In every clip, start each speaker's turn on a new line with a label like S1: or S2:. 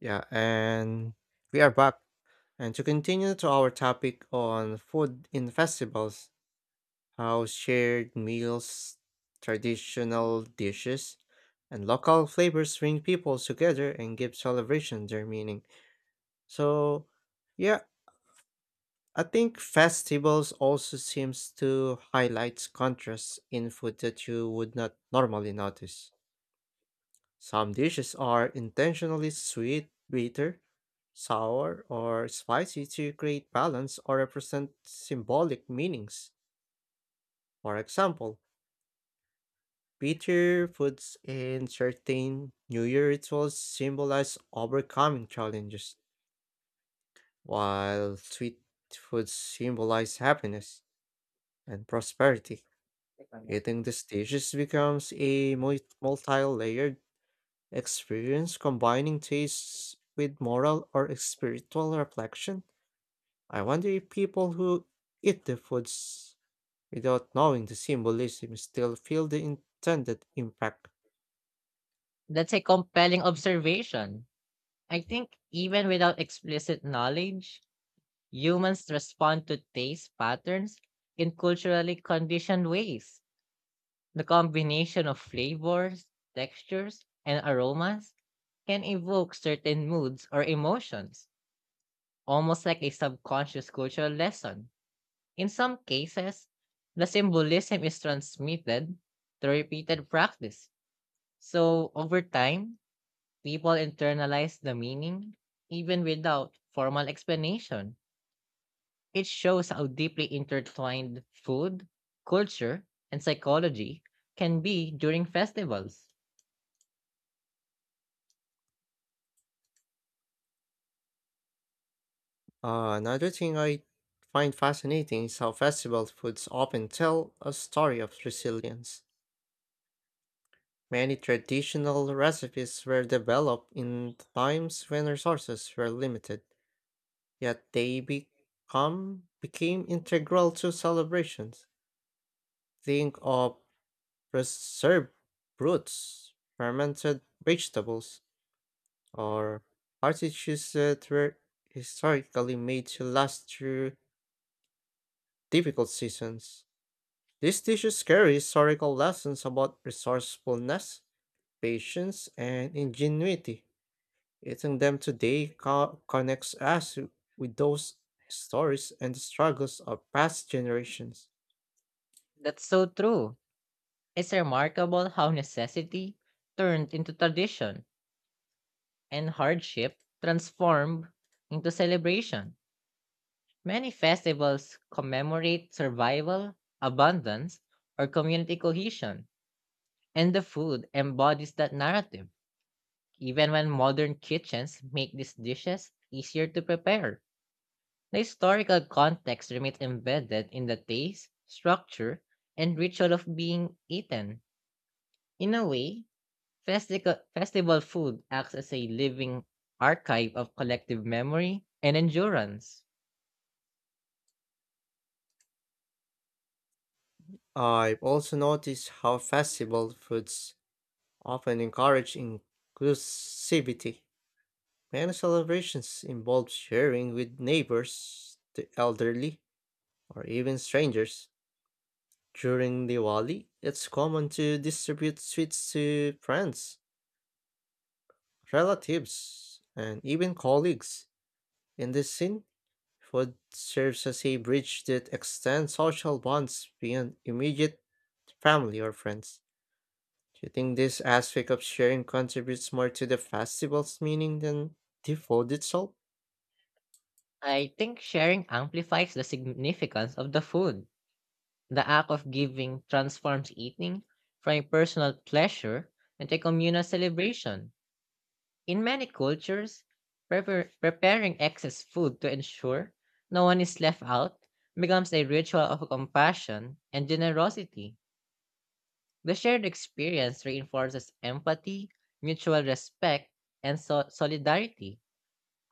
S1: Yeah, and we are back. And to continue to our topic on food in festivals, how shared meals, traditional dishes, and local flavors bring people together and give celebration their meaning. So, yeah, I think festivals also seems to highlight contrasts in food that you would not normally notice. Some dishes are intentionally sweet, bitter, sour, or spicy to create balance or represent symbolic meanings. For example, bitter foods in certain New Year rituals symbolize overcoming challenges, while sweet foods symbolize happiness and prosperity. Eating these dishes becomes a multi layered experience combining tastes with moral or spiritual reflection. I wonder if people who eat the foods without knowing the symbolism still feel the intended impact.
S2: That's a compelling observation. I think even without explicit knowledge, humans respond to taste patterns in culturally conditioned ways. The combination of flavors, textures, and aromas can evoke certain moods or emotions, almost like a subconscious cultural lesson. In some cases, the symbolism is transmitted through repeated practice. So, over time, people internalize the meaning even without formal explanation. It shows how deeply intertwined food, culture, and psychology can be during festivals.
S1: Another thing I find fascinating is how festival foods often tell a story of resilience. Many traditional recipes were developed in times when resources were limited, yet they become became integral to celebrations. Think of preserved roots, fermented vegetables, or artichokes that were historically made to last through difficult seasons. These dishes carry historical lessons about resourcefulness, patience, and ingenuity. Eating them today connects us with those stories and the struggles of past generations.
S2: That's so true. It's remarkable how necessity turned into tradition and hardship transformed into celebration. Many festivals commemorate survival, abundance, or community cohesion, and the food embodies that narrative, even when modern kitchens make these dishes easier to prepare. The historical context remains embedded in the taste, structure, and ritual of being eaten. In a way, festi- festival food acts as a living archive of collective memory and endurance.
S1: I've also noticed how festival foods often encourage inclusivity. Many celebrations involve sharing with neighbors, the elderly, or even strangers. During Diwali, it's common to distribute sweets to friends, relatives, and even colleagues. In this scene, food serves as a bridge that extends social bonds beyond immediate family or friends. Do you think this aspect of sharing contributes more to the festival's meaning than the food itself?
S2: I think sharing amplifies the significance of the food. The act of giving transforms eating from a personal pleasure into a communal celebration. In many cultures, preparing excess food to ensure no one is left out becomes a ritual of compassion and generosity. The shared experience reinforces empathy, mutual respect, and solidarity,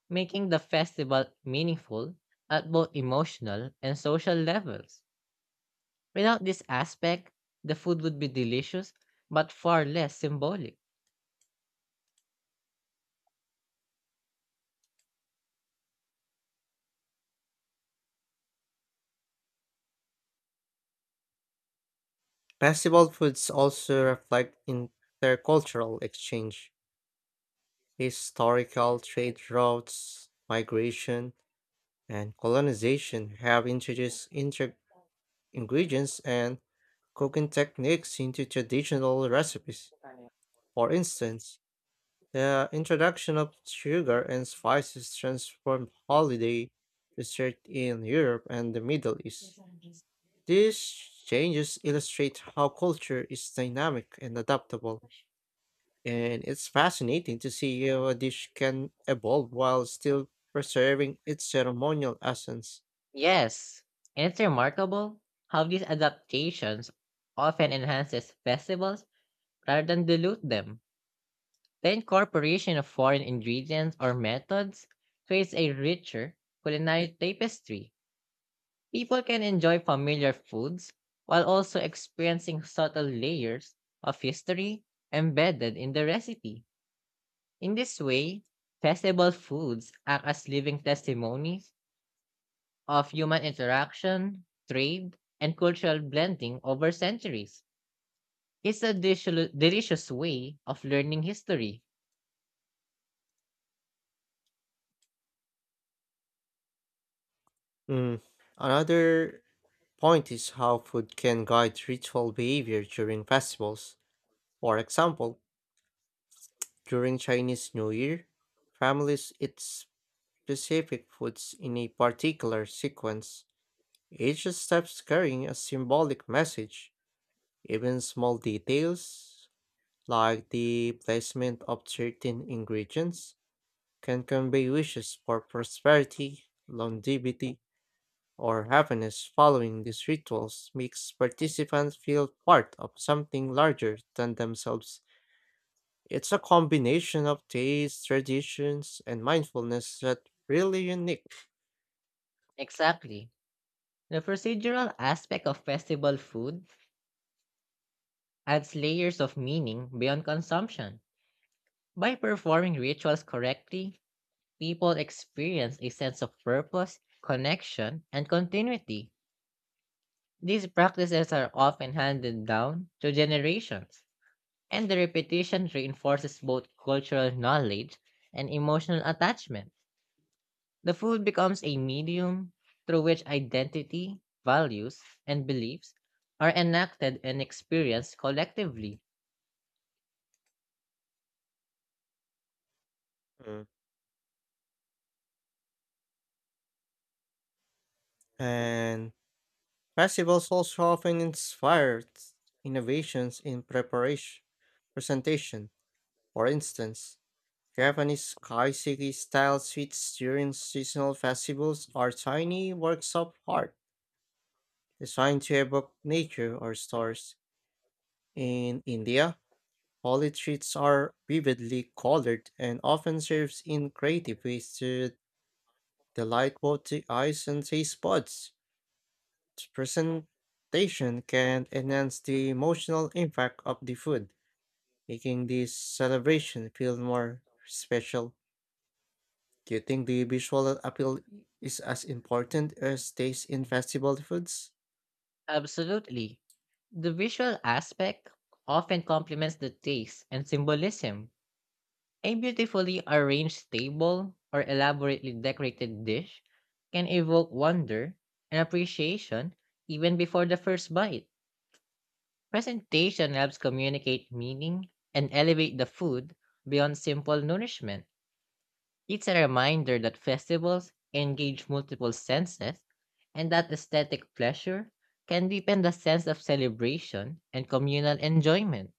S2: making the festival meaningful at both emotional and social levels. Without this aspect, the food would be delicious but far less symbolic.
S1: Festival foods also reflect intercultural exchange, historical trade routes, migration, and colonization have introduced ingredients and cooking techniques into traditional recipes. For instance, the introduction of sugar and spices transformed holiday dessert in Europe and the Middle East. These changes illustrate how culture is dynamic and adaptable, and it's fascinating to see how a dish can evolve while still preserving its ceremonial essence.
S2: Yes, and it's remarkable how these adaptations often enhances festivals rather than dilute them. The incorporation of foreign ingredients or methods creates a richer culinary tapestry. People can enjoy familiar foods while also experiencing subtle layers of history embedded in the recipe. In this way, festival foods act as living testimonies of human interaction, trade, and cultural blending over centuries. It's a delicious way of learning history.
S1: Mm, Another point is how food can guide ritual behavior during festivals. For example, during Chinese New Year, families eat specific foods in a particular sequence, each step carrying a symbolic message. Even small details, like the placement of certain ingredients, can convey wishes for prosperity, longevity, or happiness following these rituals makes participants feel part of something larger than themselves. It's a combination of taste, traditions, and mindfulness that's really unique.
S2: Exactly. The procedural aspect of festival food adds layers of meaning beyond consumption. By performing rituals correctly, people experience a sense of purpose, connection, and continuity. These practices are often handed down to generations and the repetition reinforces both cultural knowledge and emotional attachment. The food becomes a medium through which identity, values, and beliefs are enacted and experienced collectively.
S1: Mm. And festivals also often inspire innovations in preparation, presentation. For instance, Japanese kaiseki style sweets during seasonal festivals are tiny works of art designed to evoke nature or stars. In India, holy treats are vividly colored and often served in creative ways to delight both the eyes and taste buds. The presentation can enhance the emotional impact of the food, making this celebration feel more special. Do you think the visual appeal is as important as taste in festival foods?
S2: Absolutely. The visual aspect often complements the taste and symbolism. A beautifully arranged table or elaborately decorated dish can evoke wonder and appreciation even before the first bite. Presentation helps communicate meaning and elevate the food beyond simple nourishment. It's a reminder that festivals engage multiple senses and that aesthetic pleasure can deepen the sense of celebration and communal enjoyment.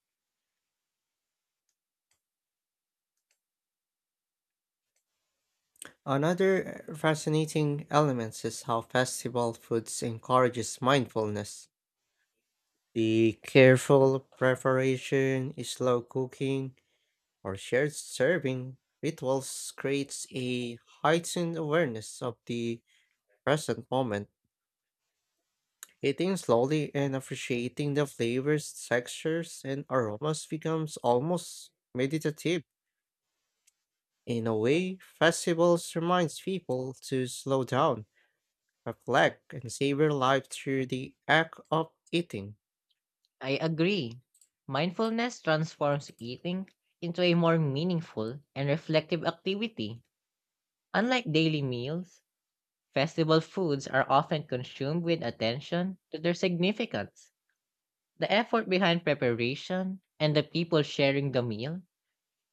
S1: Another fascinating element is how festival foods encourages mindfulness. The careful preparation, slow cooking, or shared serving rituals creates a heightened awareness of the present moment. Eating slowly and appreciating the flavors, textures, and aromas becomes almost meditative. In a way, festivals reminds people to slow down, reflect, and savor life through the act of eating.
S2: I agree. Mindfulness transforms eating into a more meaningful and reflective activity. Unlike daily meals, festival foods are often consumed with attention to their significance. The effort behind preparation and the people sharing the meal,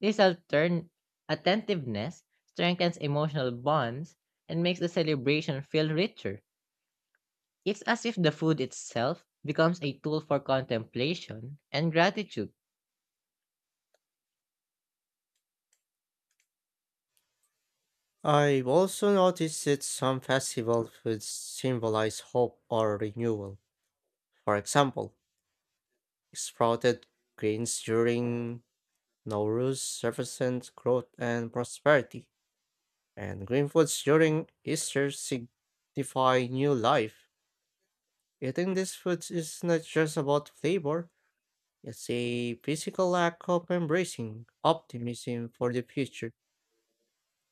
S2: this attentiveness strengthens emotional bonds and makes the celebration feel richer. It's as if the food itself becomes a tool for contemplation and gratitude.
S1: I've also noticed that some festival foods symbolize hope or renewal. For example, sprouted grains during Nowruz represent growth and prosperity, and green foods during Easter signify new life. Eating these foods is not just about flavor, it's a physical act of embracing optimism for the future.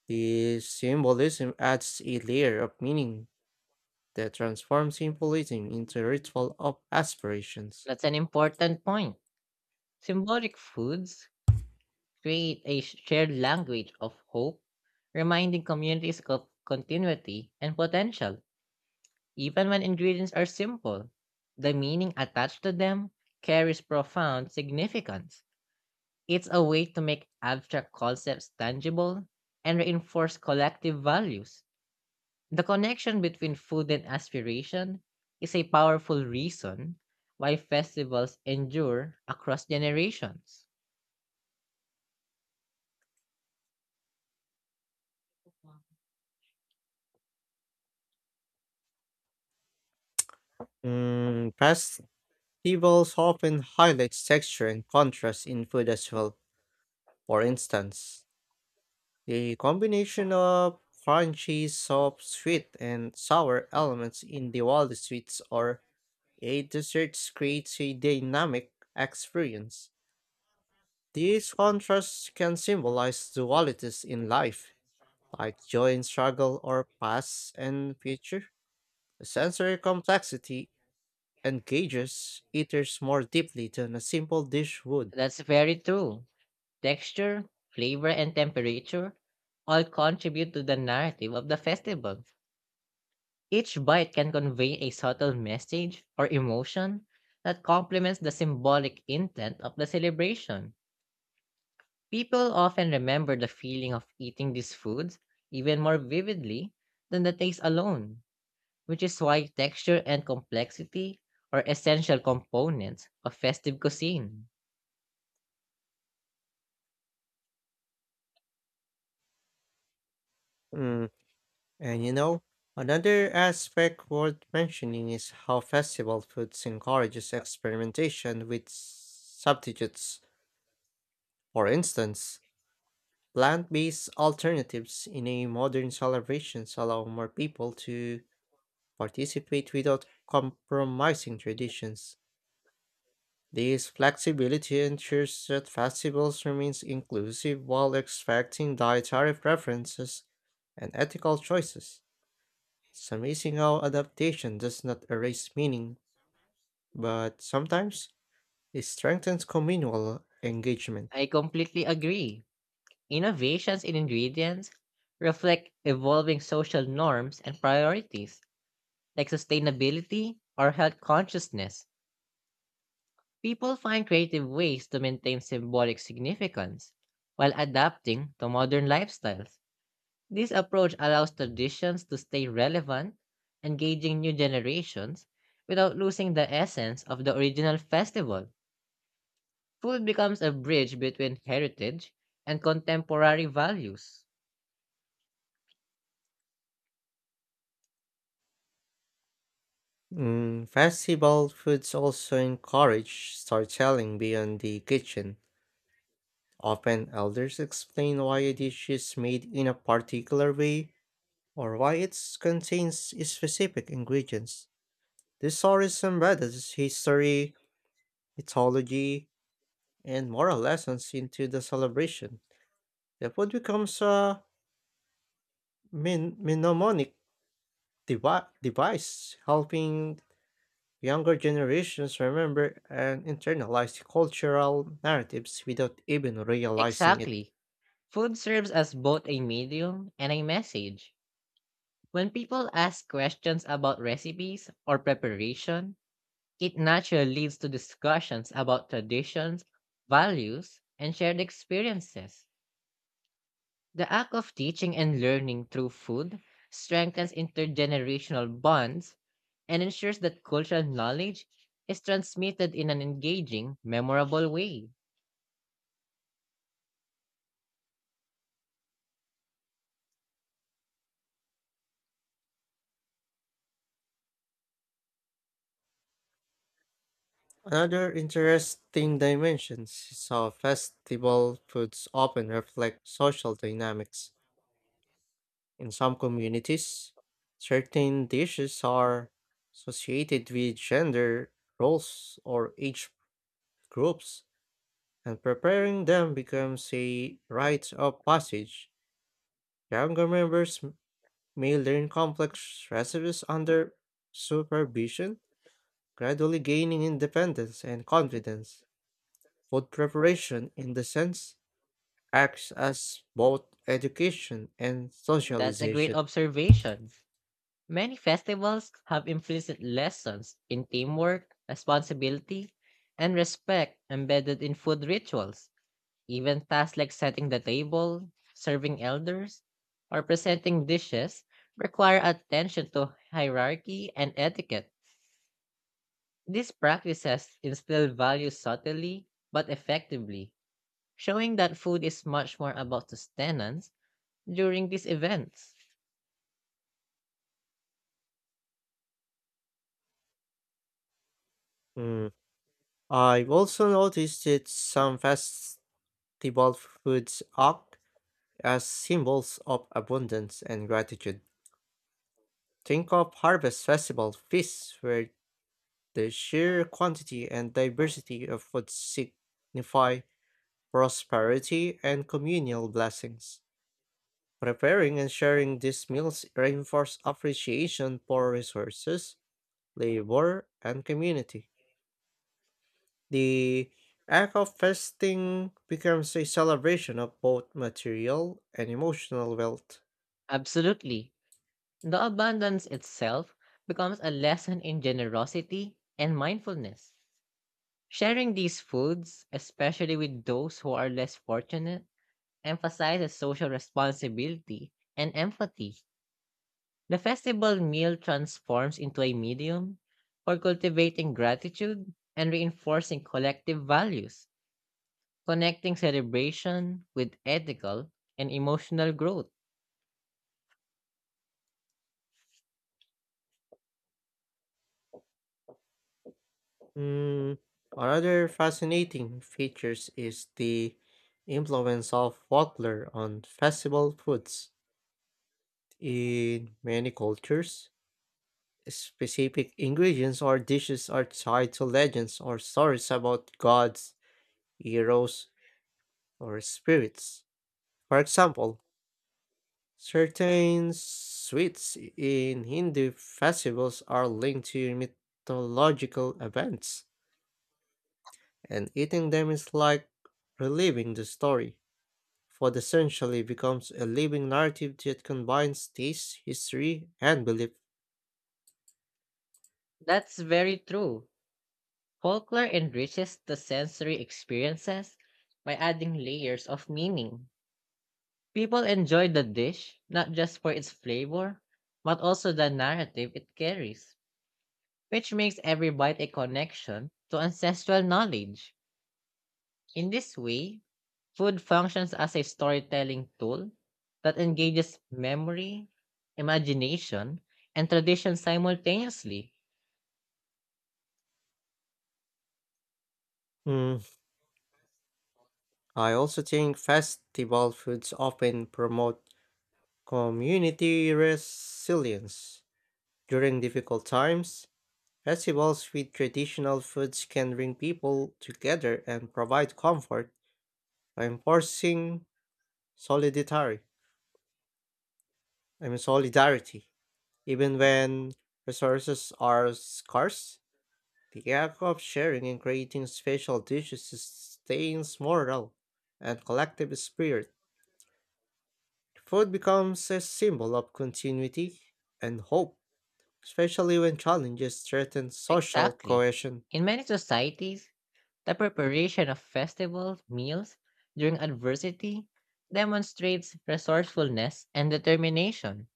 S1: The symbolism adds a layer of meaning that transforms symbolism into a ritual of aspirations.
S2: That's an important point. Symbolic foods create a shared language of hope, reminding communities of continuity and potential. Even when ingredients are simple, the meaning attached to them carries profound significance. It's a way to make abstract concepts tangible and reinforce collective values. The connection between food and aspiration is a powerful reason why festivals endure across generations.
S1: Festivals often highlight texture and contrast in food as well. For instance, the combination of crunchy, soft, sweet, and sour elements in Diwali sweets or a dessert creates a dynamic experience. These contrasts can symbolize dualities in life, like joy and struggle or past and future. The sensory complexity engages eaters more deeply than a simple dish would.
S2: That's very true. Texture, flavor, and temperature all contribute to the narrative of the festival. Each bite can convey a subtle message or emotion that complements the symbolic intent of the celebration. People often remember the feeling of eating these foods even more vividly than the taste alone, which is why texture and complexity are essential components of festive cuisine.
S1: Mm, And you know, another aspect worth mentioning is how festival foods encourages experimentation with substitutes. For instance, plant-based alternatives in a modern celebrations allow more people to participate without compromising traditions. This flexibility ensures that festivals remains inclusive while respecting dietary preferences and ethical choices. So amazing adaptation does not erase meaning, but sometimes it strengthens communal engagement.
S2: I completely agree. Innovations in ingredients reflect evolving social norms and priorities, like sustainability or health consciousness. People find creative ways to maintain symbolic significance while adapting to modern lifestyles. This approach allows traditions to stay relevant, engaging new generations without losing the essence of the original festival. Food becomes a bridge between heritage and contemporary values.
S1: Festival foods also encourage storytelling beyond the kitchen. Often, elders explain why a dish is made in a particular way or why it contains specific ingredients. This story embeds history, mythology, and moral lessons into the celebration. The food becomes a mnemonic device, helping younger generations remember and internalize cultural narratives without even realizing it.
S2: Exactly. Food serves as both a medium and a message. When people ask questions about recipes or preparation, it naturally leads to discussions about traditions, values, and shared experiences. The act of teaching and learning through food strengthens intergenerational bonds and ensures that cultural knowledge is transmitted in an engaging, memorable way.
S1: Another interesting dimension is how festival foods often reflect social dynamics. In some communities, certain dishes are associated with gender roles or age groups, and preparing them becomes a rite of passage. Younger members may learn complex recipes under supervision, gradually gaining independence and confidence. Food preparation, in the sense, acts as both education and
S2: That's a great
S1: socialization.
S2: observation. Many festivals have implicit lessons in teamwork, responsibility, and respect embedded in food rituals. Even tasks like setting the table, serving elders, or presenting dishes require attention to hierarchy and etiquette. These practices instill values subtly but effectively, showing that food is much more about sustenance during these events.
S1: Mm. I've also noticed that some festival foods act as symbols of abundance and gratitude. Think of harvest festival feasts where the sheer quantity and diversity of food signify prosperity and communal blessings. Preparing and sharing these meals reinforce appreciation for resources, labor, and community. The act of fasting becomes a celebration of both material and emotional wealth.
S2: Absolutely. The abundance itself becomes a lesson in generosity and mindfulness. Sharing these foods, especially with those who are less fortunate, emphasizes social responsibility and empathy. The festival meal transforms into a medium for cultivating gratitude and reinforcing collective values, connecting celebration with ethical and emotional growth.
S1: Mm, Another fascinating features is the influence of folklore on festival foods. In many cultures, specific ingredients or dishes are tied to legends or stories about gods, heroes, or spirits. For example, certain sweets in Hindu festivals are linked to mythological events, and eating them is like reliving the story. Food essentially becomes a living narrative that combines taste, history, and belief.
S2: That's very true. Folklore enriches the sensory experiences by adding layers of meaning. People enjoy the dish not just for its flavor, but also the narrative it carries, which makes every bite a connection to ancestral knowledge. In this way, food functions as a storytelling tool that engages memory, imagination, and tradition simultaneously.
S1: Mm, I also think festival foods often promote community resilience during difficult times. Festivals with traditional foods can bring people together and provide comfort, by enforcing solidarity. I mean solidarity. Even when resources are scarce, the act of sharing and creating special dishes sustains morale and collective spirit. Food becomes a symbol of continuity and hope, especially when challenges threaten social
S2: Exactly.
S1: cohesion.
S2: In many societies, the preparation of festival meals during adversity demonstrates resourcefulness and determination.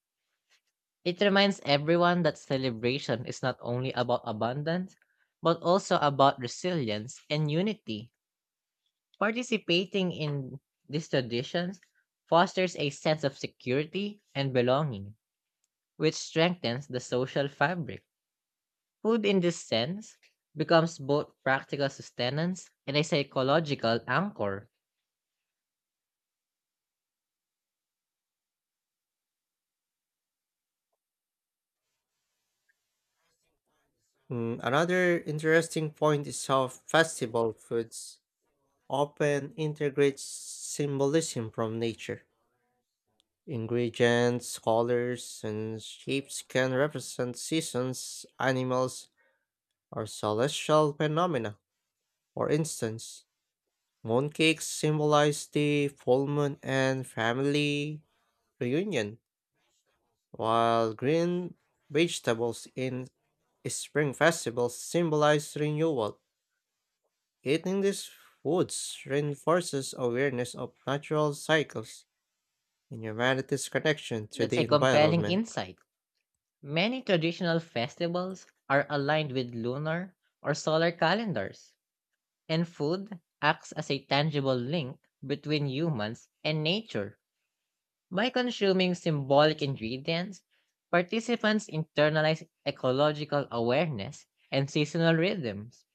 S2: It reminds everyone that celebration is not only about abundance, but also about resilience and unity. Participating in these traditions fosters a sense of security and belonging, which strengthens the social fabric. Food, in this sense, becomes both practical sustenance and a psychological anchor.
S1: Another interesting point is how festival foods often integrate symbolism from nature. Ingredients, colors, and shapes can represent seasons, animals, or celestial phenomena. For instance, mooncakes symbolize the full moon and family reunion, while green vegetables in spring festivals symbolize renewal. Eating these foods reinforces awareness of natural cycles and humanity's connection to
S2: That's
S1: the
S2: a compelling
S1: environment.
S2: insight. Many traditional festivals are aligned with lunar or solar calendars and food acts as a tangible link between humans and nature. By consuming symbolic ingredients, participants internalize ecological awareness and seasonal rhythms.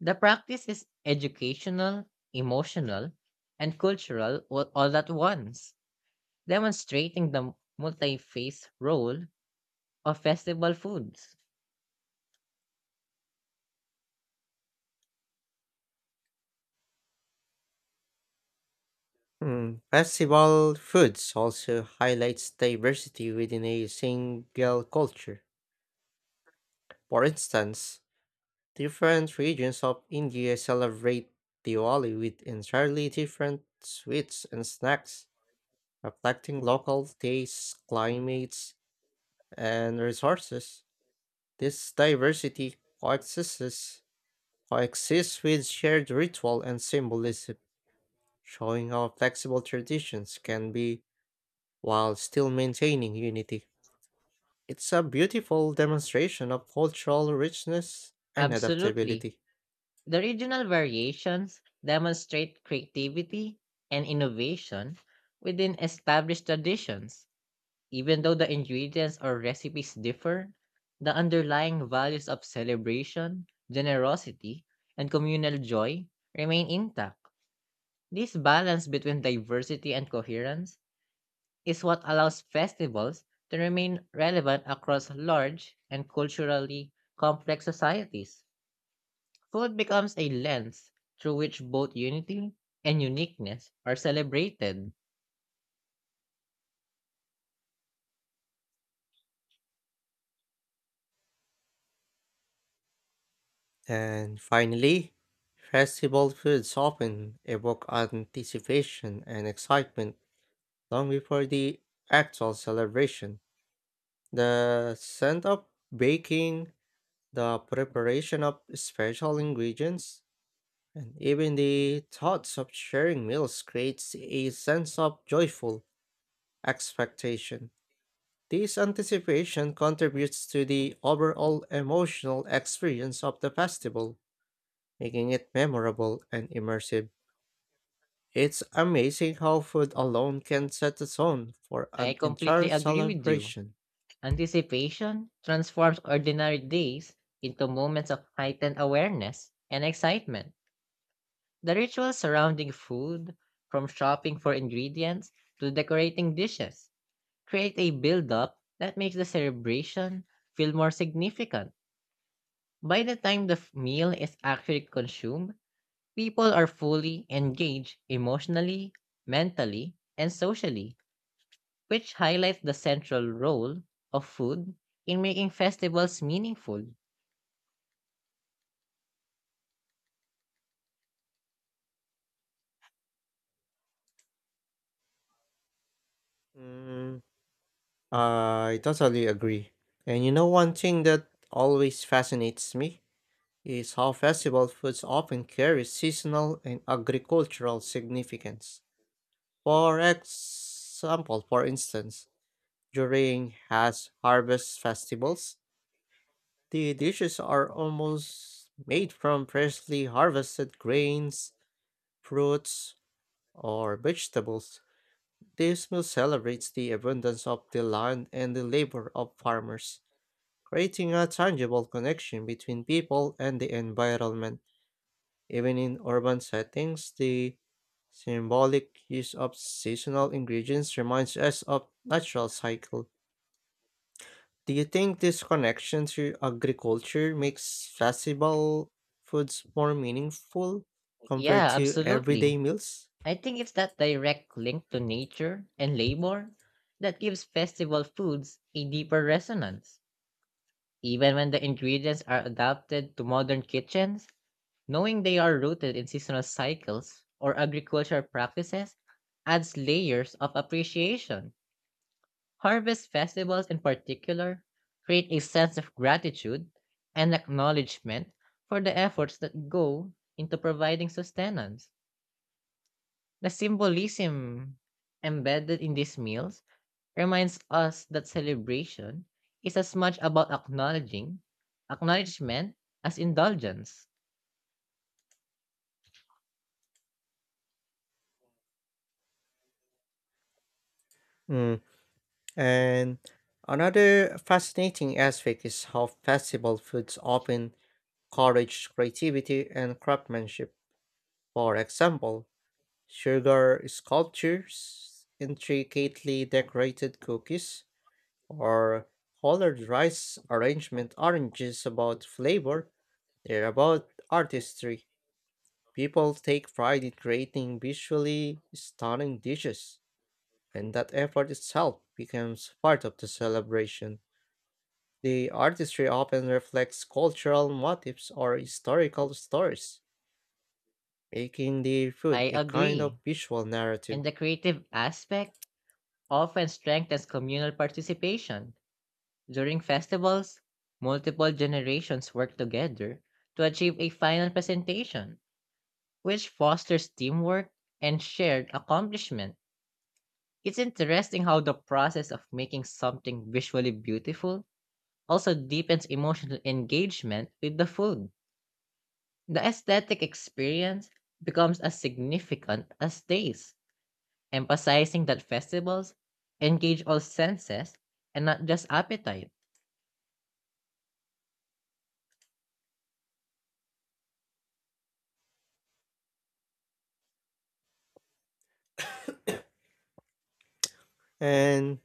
S2: The practice is educational, emotional, and cultural all at once, demonstrating the multi-phase role of festival foods.
S1: Festival foods also highlights diversity within a single culture. For instance, different regions of India celebrate Diwali with entirely different sweets and snacks, reflecting local tastes, climates, and resources. This diversity coexists coexist with shared ritual and symbolism, showing how flexible traditions can be while still maintaining unity. It's a beautiful demonstration of cultural richness and
S2: Absolutely.
S1: adaptability.
S2: The regional variations demonstrate creativity and innovation within established traditions. Even though the ingredients or recipes differ, the underlying values of celebration, generosity, and communal joy remain intact. This balance between diversity and coherence is what allows festivals to remain relevant across large and culturally complex societies. Food becomes a lens through which both unity and uniqueness are celebrated.
S1: And finally, festival foods often evoke anticipation and excitement long before the actual celebration. The scent of baking, the preparation of special ingredients, and even the thoughts of sharing meals creates a sense of joyful expectation. This anticipation contributes to the overall emotional experience of the festival, making it memorable and immersive. It's amazing how food alone can set the tone for
S2: I
S1: an
S2: completely
S1: entire
S2: agree with you.
S1: celebration.
S2: Anticipation transforms ordinary days into moments of heightened awareness and excitement. The rituals surrounding food, from shopping for ingredients to decorating dishes, create a build-up that makes the celebration feel more significant. By the time the meal is actually consumed, people are fully engaged emotionally, mentally, and socially, which highlights the central role of food in making festivals meaningful.
S1: Mm, I totally agree. And you know, one thing that always fascinates me is how festival foods often carry seasonal and agricultural significance. For instance, during has harvest festivals, the dishes are almost made from freshly harvested grains, fruits, or vegetables. This meal celebrates the abundance of the land and the labor of farmers. Creating a tangible connection between people and the environment. Even in urban settings, the symbolic use of seasonal ingredients reminds us of natural cycle. Do you think this connection to agriculture makes festival foods more meaningful compared
S2: Yeah,
S1: to everyday
S2: absolutely.
S1: meals?
S2: I think it's that direct link to nature and labor that gives festival foods a deeper resonance. Even when the ingredients are adapted to modern kitchens, knowing they are rooted in seasonal cycles or agricultural practices adds layers of appreciation. Harvest festivals, in particular, create a sense of gratitude and acknowledgement for the efforts that go into providing sustenance. The symbolism embedded in these meals reminds us that celebration is as much about acknowledging acknowledgement as indulgence.
S1: Mm. And another fascinating aspect is how festival foods often encourage creativity and craftsmanship. For example, sugar sculptures, intricately decorated cookies, or colored rice arrangement aren't just about flavor, they're about artistry. People take pride in creating visually stunning dishes, and that effort itself becomes part of the celebration. The artistry often reflects cultural motifs or historical stories, making the food
S2: I
S1: a kind of
S2: agree,
S1: visual narrative.
S2: and the creative aspect often strengthens communal participation. During festivals, multiple generations work together to achieve a final presentation, which fosters teamwork and shared accomplishment. It's interesting how the process of making something visually beautiful also deepens emotional engagement with the food. The aesthetic experience becomes as significant as taste, emphasizing that festivals engage all senses and not just appetite.
S1: And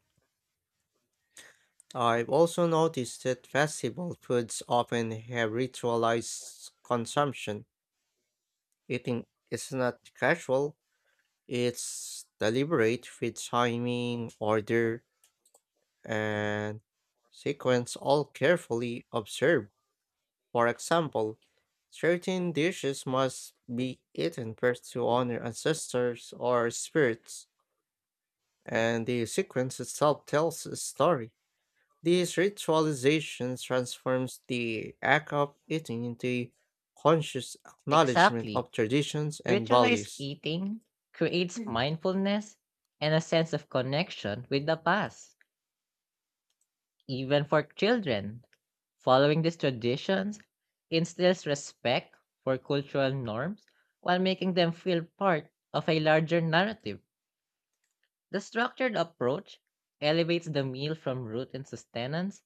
S1: I've also noticed that festival foods often have ritualized consumption. Eating is not casual, it's deliberate with timing, order, and sequence all carefully observed. For example, certain dishes must be eaten first to honor ancestors or spirits, and the sequence itself tells a story. This ritualization transforms the act of eating into a conscious acknowledgement
S2: Exactly.
S1: of traditions and
S2: Ritualized
S1: values.
S2: eating creates mindfulness and a sense of connection with the past, even for children. Following these traditions instills respect for cultural norms while making them feel part of a larger narrative. The structured approach elevates the meal from root and sustenance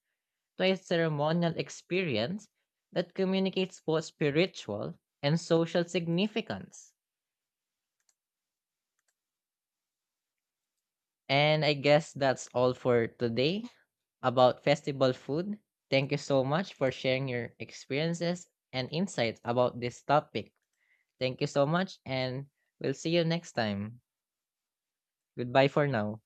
S2: to a ceremonial experience that communicates both spiritual and social significance. And I guess that's all for today about festival food. Thank you so much for sharing your experiences and insights about this topic. Thank you so much, and we'll see you next time. Goodbye for now.